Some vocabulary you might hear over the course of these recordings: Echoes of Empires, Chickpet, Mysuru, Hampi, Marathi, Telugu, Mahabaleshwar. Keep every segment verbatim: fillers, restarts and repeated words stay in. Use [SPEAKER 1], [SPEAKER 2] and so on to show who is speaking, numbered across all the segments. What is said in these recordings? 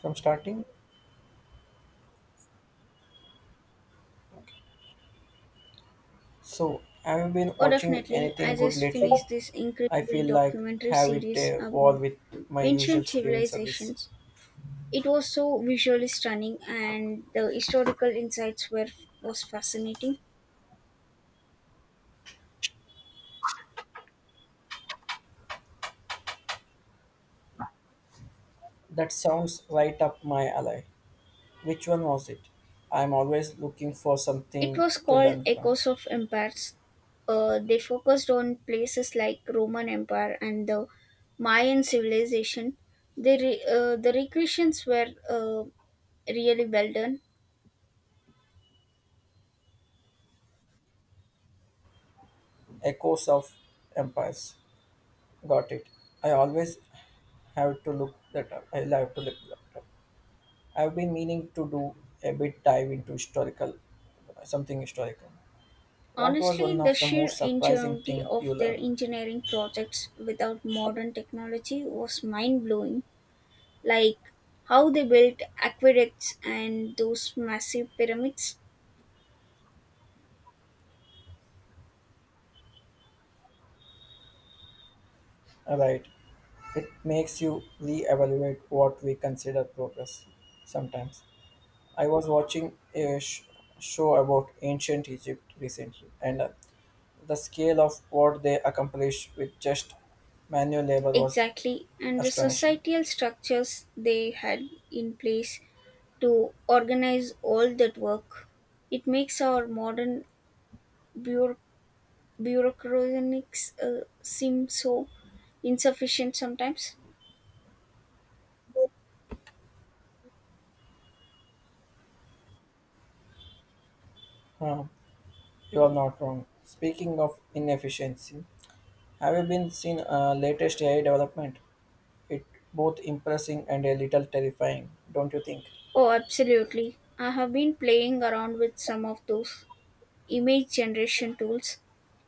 [SPEAKER 1] From starting. So, have you been
[SPEAKER 2] Oh,
[SPEAKER 1] watching
[SPEAKER 2] definitely. I
[SPEAKER 1] anything good
[SPEAKER 2] just
[SPEAKER 1] lately?
[SPEAKER 2] finished this
[SPEAKER 1] I
[SPEAKER 2] incredible
[SPEAKER 1] feel like
[SPEAKER 2] documentary
[SPEAKER 1] have it
[SPEAKER 2] series
[SPEAKER 1] uh, all
[SPEAKER 2] about
[SPEAKER 1] with my usual
[SPEAKER 2] ancient
[SPEAKER 1] streaming service.
[SPEAKER 2] civilizations. It was so visually stunning, and the historical insights were was fascinating.
[SPEAKER 1] That sounds right up my alley. Which one was it? I'm always looking for
[SPEAKER 2] It
[SPEAKER 1] something
[SPEAKER 2] was
[SPEAKER 1] to
[SPEAKER 2] called
[SPEAKER 1] learn from.
[SPEAKER 2] Echoes of Empires. Uh, they focused on places like Roman Empire and the Mayan civilization. The re- uh, the recreations were uh, really well done.
[SPEAKER 1] Echoes of Empires. Got it. I always have to look that up. I have to look that up. I've been meaning to do a bit dive into historical, something historical. What was
[SPEAKER 2] Honestly,
[SPEAKER 1] one
[SPEAKER 2] the
[SPEAKER 1] of the most
[SPEAKER 2] sheer
[SPEAKER 1] surprising
[SPEAKER 2] ingenuity
[SPEAKER 1] thing
[SPEAKER 2] of
[SPEAKER 1] you
[SPEAKER 2] their
[SPEAKER 1] learned?
[SPEAKER 2] engineering projects without modern technology was mind blowing. Like how they built aqueducts and those massive pyramids.
[SPEAKER 1] Right. It makes you re-evaluate what we consider progress sometimes. I was watching a sh- show about ancient Egypt recently, and uh, the scale of what they accomplished with just manual labor was
[SPEAKER 2] Exactly, and the
[SPEAKER 1] astonishing.
[SPEAKER 2] societal structures they had in place to organize all that work. It makes our modern bureau- bureaucracies uh, seem so insufficient sometimes.
[SPEAKER 1] Huh, you are not wrong. Speaking of inefficiency, have you been seen uh, latest A I development? It both impressing and a little terrifying, don't you think?
[SPEAKER 2] Oh, absolutely. I have been playing around with some of those image generation tools.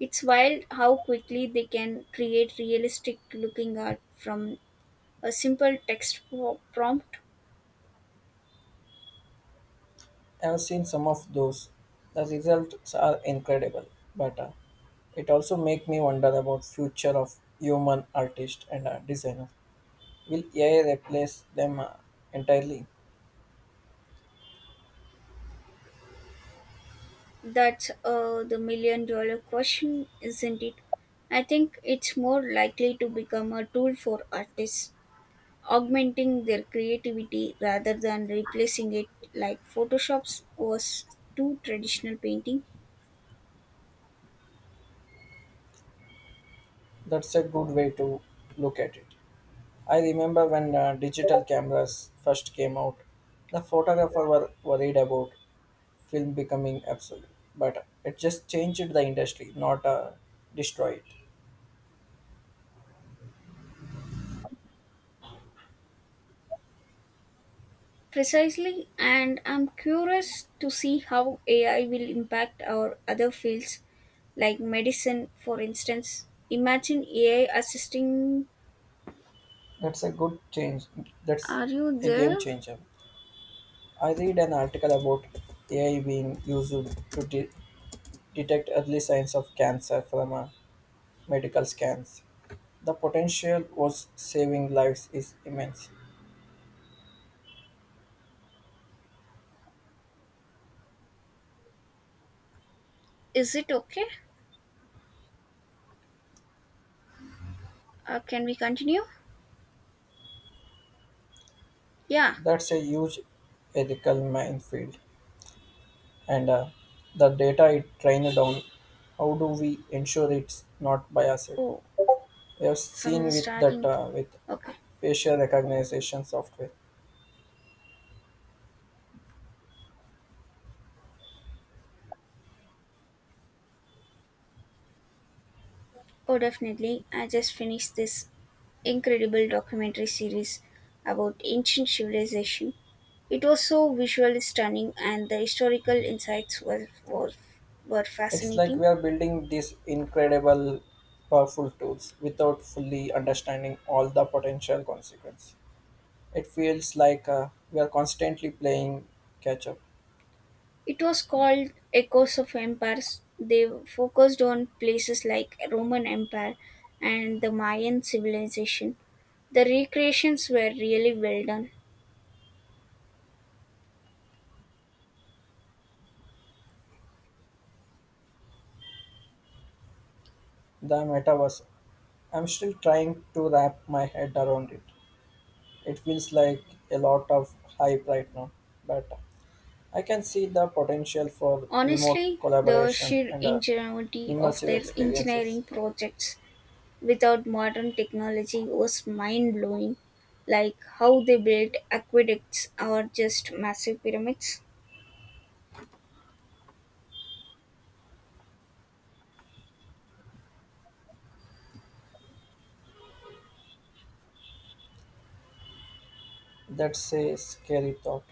[SPEAKER 2] It's wild how quickly they can create realistic looking art from a simple text pro- prompt.
[SPEAKER 1] I've seen some of those. The results are incredible, but uh, it also make me wonder about future of human artist and uh, designer. Will A I replace them uh, entirely?
[SPEAKER 2] That's uh, the million dollar question, isn't it? I think it's more likely to become a tool for artists, augmenting their creativity rather than replacing it like Photoshop's was to traditional painting.
[SPEAKER 1] That's a good way to look at it. I remember when uh, digital cameras first came out, the photographer were worried about film becoming obsolete, but it just changed the industry, not uh, destroy it.
[SPEAKER 2] Precisely, and I'm curious to see how A I will impact our other fields like medicine, for instance. Imagine A I assisting.
[SPEAKER 1] That's a good change. That's
[SPEAKER 2] Are you
[SPEAKER 1] a game
[SPEAKER 2] there?
[SPEAKER 1] changer. I read an article about A I being used to de- detect early signs of cancer from uh, medical scans. The potential was saving lives is immense.
[SPEAKER 2] Is it okay? Uh, can we continue? Yeah.
[SPEAKER 1] That's a huge ethical minefield. And uh, the data it trained on, how do we ensure it's not biased?
[SPEAKER 2] Oh,
[SPEAKER 1] We have
[SPEAKER 2] from
[SPEAKER 1] seen
[SPEAKER 2] the
[SPEAKER 1] with that
[SPEAKER 2] starting.
[SPEAKER 1] uh, with
[SPEAKER 2] Okay.
[SPEAKER 1] facial recognition software.
[SPEAKER 2] Oh, definitely. I just finished this incredible documentary series about ancient civilization. It was so visually stunning, and the historical insights were, were, were
[SPEAKER 1] It's like
[SPEAKER 2] fascinating.
[SPEAKER 1] we are building these incredible, powerful tools without fully understanding all the potential consequences. It feels like uh, we are constantly playing catch up.
[SPEAKER 2] It was called Echoes of Empires. They focused on places like Roman Empire and the Mayan civilization. The recreations were really well done.
[SPEAKER 1] The metaverse, I'm still trying to wrap my head around it. It feels like a lot of hype right now, but I can see the potential for remote
[SPEAKER 2] Honestly, the
[SPEAKER 1] collaboration
[SPEAKER 2] sheer
[SPEAKER 1] and uh,
[SPEAKER 2] ingenuity of
[SPEAKER 1] immersive
[SPEAKER 2] their
[SPEAKER 1] experiences.
[SPEAKER 2] engineering projects without modern technology was mind blowing, like how they built aqueducts or just massive pyramids.
[SPEAKER 1] That's a scary thought.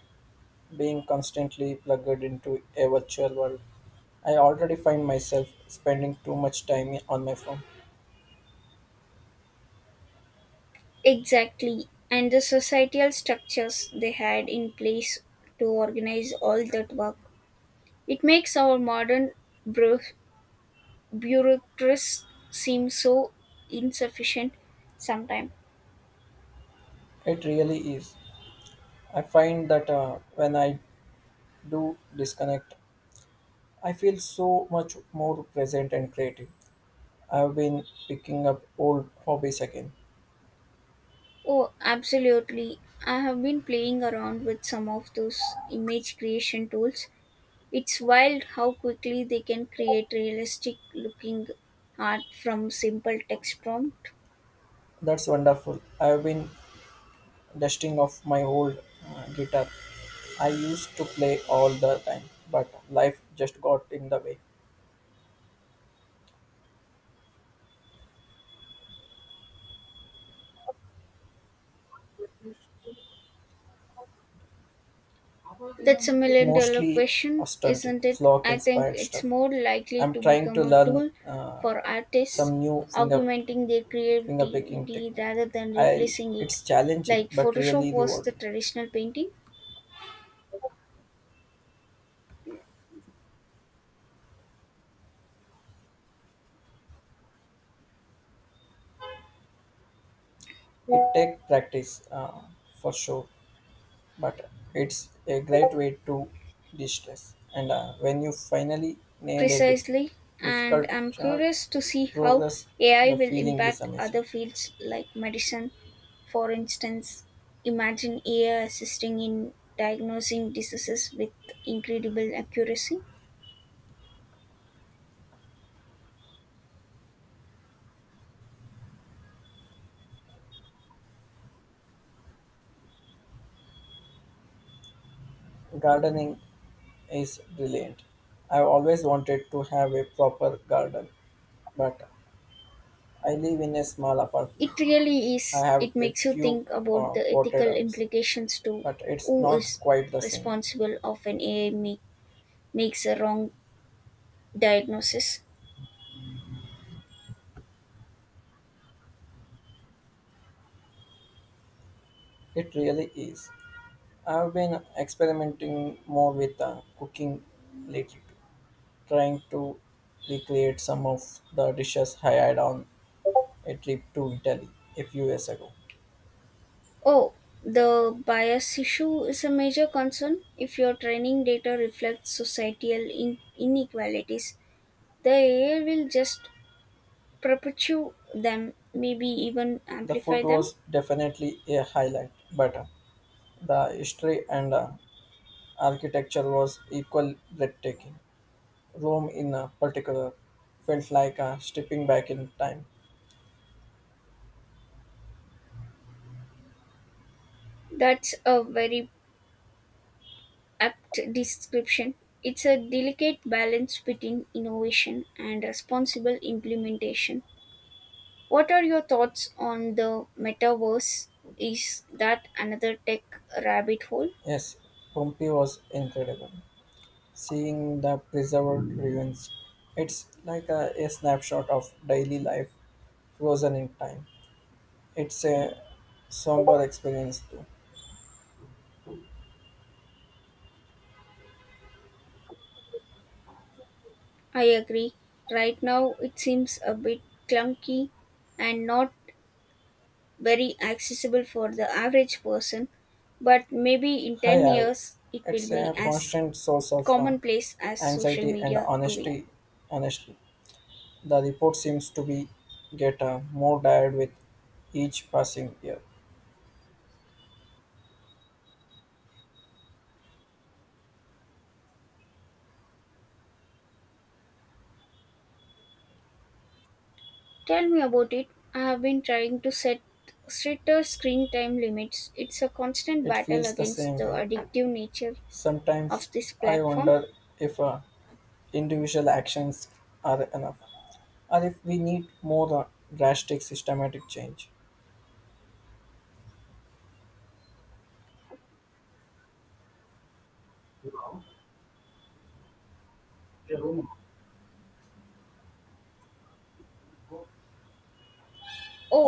[SPEAKER 1] Being constantly plugged into a virtual world, I already find myself spending too much time on my phone.
[SPEAKER 2] Exactly, and the societal structures they had in place to organize all that work. It makes our modern bureau- bureaucrats seem so insufficient sometimes.
[SPEAKER 1] It really is. I find that uh, when I do disconnect, I feel so much more present and creative. I've been picking up old hobbies again.
[SPEAKER 2] Oh, absolutely. I have been playing around with some of those image creation tools. It's wild how quickly they can create realistic looking art from simple text prompt.
[SPEAKER 1] That's wonderful. I've been dusting off my old uh, guitar. I used to play all the time, but life just got in the way.
[SPEAKER 2] That's a million dollar
[SPEAKER 1] Mostly
[SPEAKER 2] question,
[SPEAKER 1] authentic,
[SPEAKER 2] isn't it?
[SPEAKER 1] flock
[SPEAKER 2] I think
[SPEAKER 1] inspired
[SPEAKER 2] it's
[SPEAKER 1] stuff.
[SPEAKER 2] more likely
[SPEAKER 1] I'm
[SPEAKER 2] to
[SPEAKER 1] trying to
[SPEAKER 2] become a
[SPEAKER 1] learn
[SPEAKER 2] tool
[SPEAKER 1] uh,
[SPEAKER 2] for artists,
[SPEAKER 1] some new finger
[SPEAKER 2] augmenting their
[SPEAKER 1] finger picking
[SPEAKER 2] creativity
[SPEAKER 1] technique.
[SPEAKER 2] rather than
[SPEAKER 1] I
[SPEAKER 2] replacing it.
[SPEAKER 1] it's challenging
[SPEAKER 2] Like
[SPEAKER 1] but
[SPEAKER 2] Photoshop
[SPEAKER 1] really
[SPEAKER 2] was the
[SPEAKER 1] rewarding.
[SPEAKER 2] traditional painting.
[SPEAKER 1] It takes practice uh, for sure, but it's a great way to de-stress. And uh, when you finally nail a dif-
[SPEAKER 2] Precisely, and
[SPEAKER 1] difficult
[SPEAKER 2] I'm
[SPEAKER 1] chart,
[SPEAKER 2] curious to see how
[SPEAKER 1] progress
[SPEAKER 2] A I
[SPEAKER 1] the
[SPEAKER 2] will
[SPEAKER 1] feeling is
[SPEAKER 2] impact
[SPEAKER 1] amazing.
[SPEAKER 2] other fields like medicine. For instance, imagine A I assisting in diagnosing diseases with incredible accuracy.
[SPEAKER 1] Gardening is brilliant. I've always wanted to have a proper garden, but I live in a small apartment.
[SPEAKER 2] It really
[SPEAKER 1] I
[SPEAKER 2] is.
[SPEAKER 1] have
[SPEAKER 2] It
[SPEAKER 1] a
[SPEAKER 2] makes you
[SPEAKER 1] few
[SPEAKER 2] think about
[SPEAKER 1] uh,
[SPEAKER 2] the
[SPEAKER 1] potted
[SPEAKER 2] ethical
[SPEAKER 1] herbs,
[SPEAKER 2] implications to
[SPEAKER 1] but it's
[SPEAKER 2] who
[SPEAKER 1] not
[SPEAKER 2] is
[SPEAKER 1] quite the same.
[SPEAKER 2] responsible of an A I make, makes a wrong diagnosis.
[SPEAKER 1] It really is. I've been experimenting more with uh, cooking lately, trying to recreate some of the dishes I had on a trip to Italy a few years ago.
[SPEAKER 2] Oh, the bias issue is a major concern. If your training data reflects societal in- inequalities, the A I will just perpetuate them, maybe even
[SPEAKER 1] The
[SPEAKER 2] amplify
[SPEAKER 1] food
[SPEAKER 2] them.
[SPEAKER 1] was definitely a highlight, but uh, the history and uh, architecture was equally breathtaking. Rome, in a particular, felt like a stepping back in time.
[SPEAKER 2] That's a very apt description. It's a delicate balance between innovation and responsible implementation. What are your thoughts on the metaverse? Is that another tech rabbit hole?
[SPEAKER 1] Yes, Pompeii was incredible. Seeing the preserved ruins, it's like a, a snapshot of daily life frozen in time. It's a somber experience too.
[SPEAKER 2] I agree. Right now, it seems a bit clunky and not very accessible for the average person, but maybe in
[SPEAKER 1] I
[SPEAKER 2] ten
[SPEAKER 1] have.
[SPEAKER 2] years it will
[SPEAKER 1] It's
[SPEAKER 2] be
[SPEAKER 1] a
[SPEAKER 2] as
[SPEAKER 1] constant source of uh,
[SPEAKER 2] commonplace as social
[SPEAKER 1] anxiety and
[SPEAKER 2] media today.
[SPEAKER 1] honesty, honestly. The report seems to be get uh, more tired with each passing year.
[SPEAKER 2] Tell me about it. I have been trying to set stricter screen time limits. It's a constant
[SPEAKER 1] It
[SPEAKER 2] battle
[SPEAKER 1] feels the
[SPEAKER 2] against
[SPEAKER 1] same
[SPEAKER 2] the
[SPEAKER 1] way.
[SPEAKER 2] addictive nature
[SPEAKER 1] Sometimes
[SPEAKER 2] of this
[SPEAKER 1] I
[SPEAKER 2] platform.
[SPEAKER 1] wonder if uh, individual actions are enough, or if we need more uh, drastic systematic change.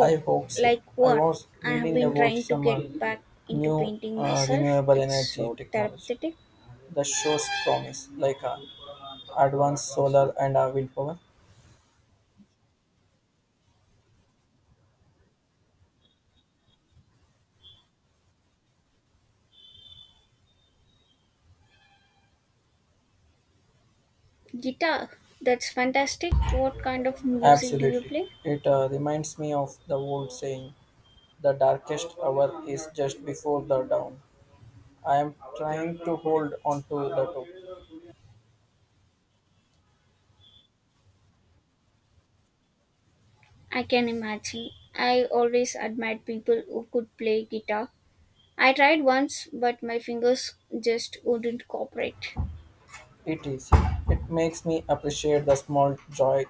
[SPEAKER 1] I hope so.
[SPEAKER 2] like
[SPEAKER 1] I
[SPEAKER 2] what?
[SPEAKER 1] was
[SPEAKER 2] I have
[SPEAKER 1] reading
[SPEAKER 2] been
[SPEAKER 1] about
[SPEAKER 2] trying to
[SPEAKER 1] some uh,
[SPEAKER 2] get back into
[SPEAKER 1] new
[SPEAKER 2] painting
[SPEAKER 1] uh,
[SPEAKER 2] myself.
[SPEAKER 1] renewable
[SPEAKER 2] It's
[SPEAKER 1] energy
[SPEAKER 2] so
[SPEAKER 1] technology
[SPEAKER 2] therapeutic.
[SPEAKER 1] that shows promise, like uh, advanced solar and uh, wind power.
[SPEAKER 2] Guitar. That's fantastic. What kind of music do you
[SPEAKER 1] Absolutely.
[SPEAKER 2] play?
[SPEAKER 1] It uh, reminds me of the old saying, the darkest hour is just before the dawn. I am trying to hold on to the hope.
[SPEAKER 2] I can imagine. I always admired people who could play guitar. I tried once, but my fingers just wouldn't cooperate.
[SPEAKER 1] It is. It makes me appreciate the small joy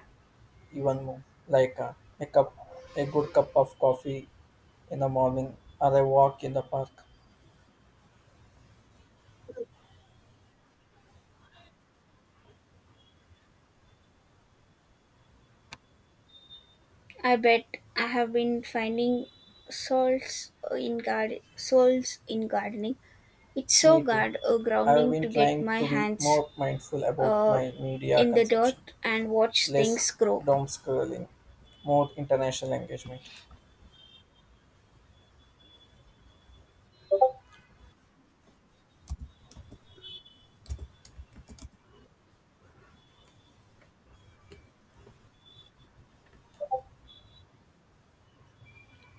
[SPEAKER 1] even more, like uh, a cup, a good cup of coffee in the morning or a walk in the park.
[SPEAKER 2] I bet I have been finding souls in garden souls in gardening. It's so
[SPEAKER 1] Me too.
[SPEAKER 2] guard uh,
[SPEAKER 1] I have
[SPEAKER 2] grounding
[SPEAKER 1] been
[SPEAKER 2] to get
[SPEAKER 1] trying
[SPEAKER 2] my
[SPEAKER 1] to be
[SPEAKER 2] hands
[SPEAKER 1] more mindful about
[SPEAKER 2] uh,
[SPEAKER 1] my media
[SPEAKER 2] in the
[SPEAKER 1] consumption,
[SPEAKER 2] dirt and watch
[SPEAKER 1] less
[SPEAKER 2] things grow.
[SPEAKER 1] doom scrolling, more international engagement.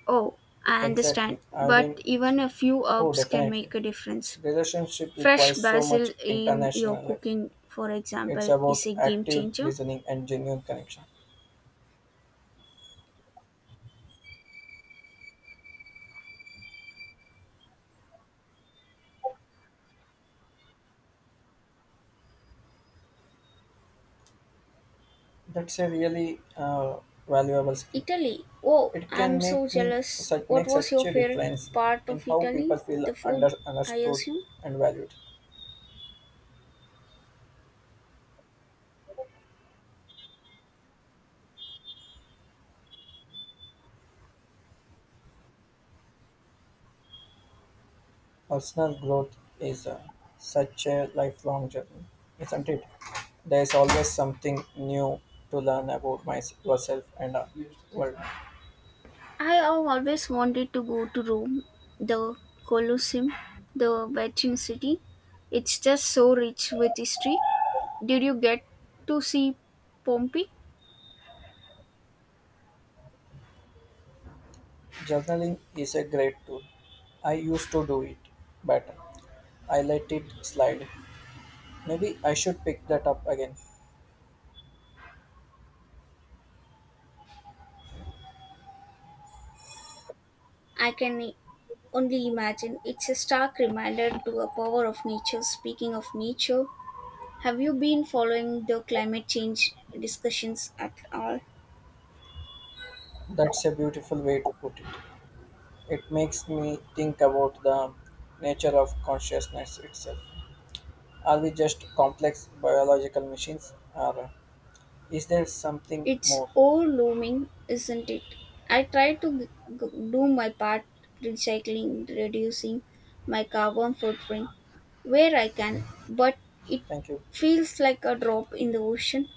[SPEAKER 2] Oh, I
[SPEAKER 1] Exactly.
[SPEAKER 2] understand.
[SPEAKER 1] I
[SPEAKER 2] But
[SPEAKER 1] mean,
[SPEAKER 2] even
[SPEAKER 1] Sorry.
[SPEAKER 2] a few
[SPEAKER 1] Oh,
[SPEAKER 2] herbs can
[SPEAKER 1] definitely.
[SPEAKER 2] make a difference.
[SPEAKER 1] Relationship
[SPEAKER 2] Fresh
[SPEAKER 1] requires so
[SPEAKER 2] basil
[SPEAKER 1] much
[SPEAKER 2] in your
[SPEAKER 1] international effort.
[SPEAKER 2] cooking, for
[SPEAKER 1] It's
[SPEAKER 2] example,
[SPEAKER 1] about
[SPEAKER 2] is a game
[SPEAKER 1] active
[SPEAKER 2] changer.
[SPEAKER 1] listening and genuine connection. That's a really uh, valuable skill.
[SPEAKER 2] Italy. Oh,
[SPEAKER 1] It can
[SPEAKER 2] I'm
[SPEAKER 1] make
[SPEAKER 2] so
[SPEAKER 1] me
[SPEAKER 2] jealous.
[SPEAKER 1] such
[SPEAKER 2] What
[SPEAKER 1] make
[SPEAKER 2] was
[SPEAKER 1] such
[SPEAKER 2] your
[SPEAKER 1] a
[SPEAKER 2] favorite
[SPEAKER 1] difference
[SPEAKER 2] part
[SPEAKER 1] in
[SPEAKER 2] of
[SPEAKER 1] how people
[SPEAKER 2] Italy?
[SPEAKER 1] feel
[SPEAKER 2] The
[SPEAKER 1] under
[SPEAKER 2] food, I
[SPEAKER 1] understood
[SPEAKER 2] assume.
[SPEAKER 1] and valued. Personal growth is uh, such a lifelong journey, isn't it? There is always something new to learn about myself, yourself, and uh, world.
[SPEAKER 2] I have always wanted to go to Rome, the Colosseum, the Vatican City. It's just so rich with history. Did you get to see Pompeii?
[SPEAKER 1] Journaling is a great tool. I used to do it better. I let it slide. Maybe I should pick that up again.
[SPEAKER 2] I can only imagine. It's a stark reminder to a power of nature. Speaking of nature, have you been following the climate change discussions at all?
[SPEAKER 1] That's a beautiful way to put it. It makes me think about the nature of consciousness itself. Are we just complex biological machines or is there something
[SPEAKER 2] It's
[SPEAKER 1] more?
[SPEAKER 2] overwhelming, isn't it? I try to g- g- do my part recycling, reducing my carbon footprint where I can, but it
[SPEAKER 1] Thank you.
[SPEAKER 2] feels like a drop in the ocean.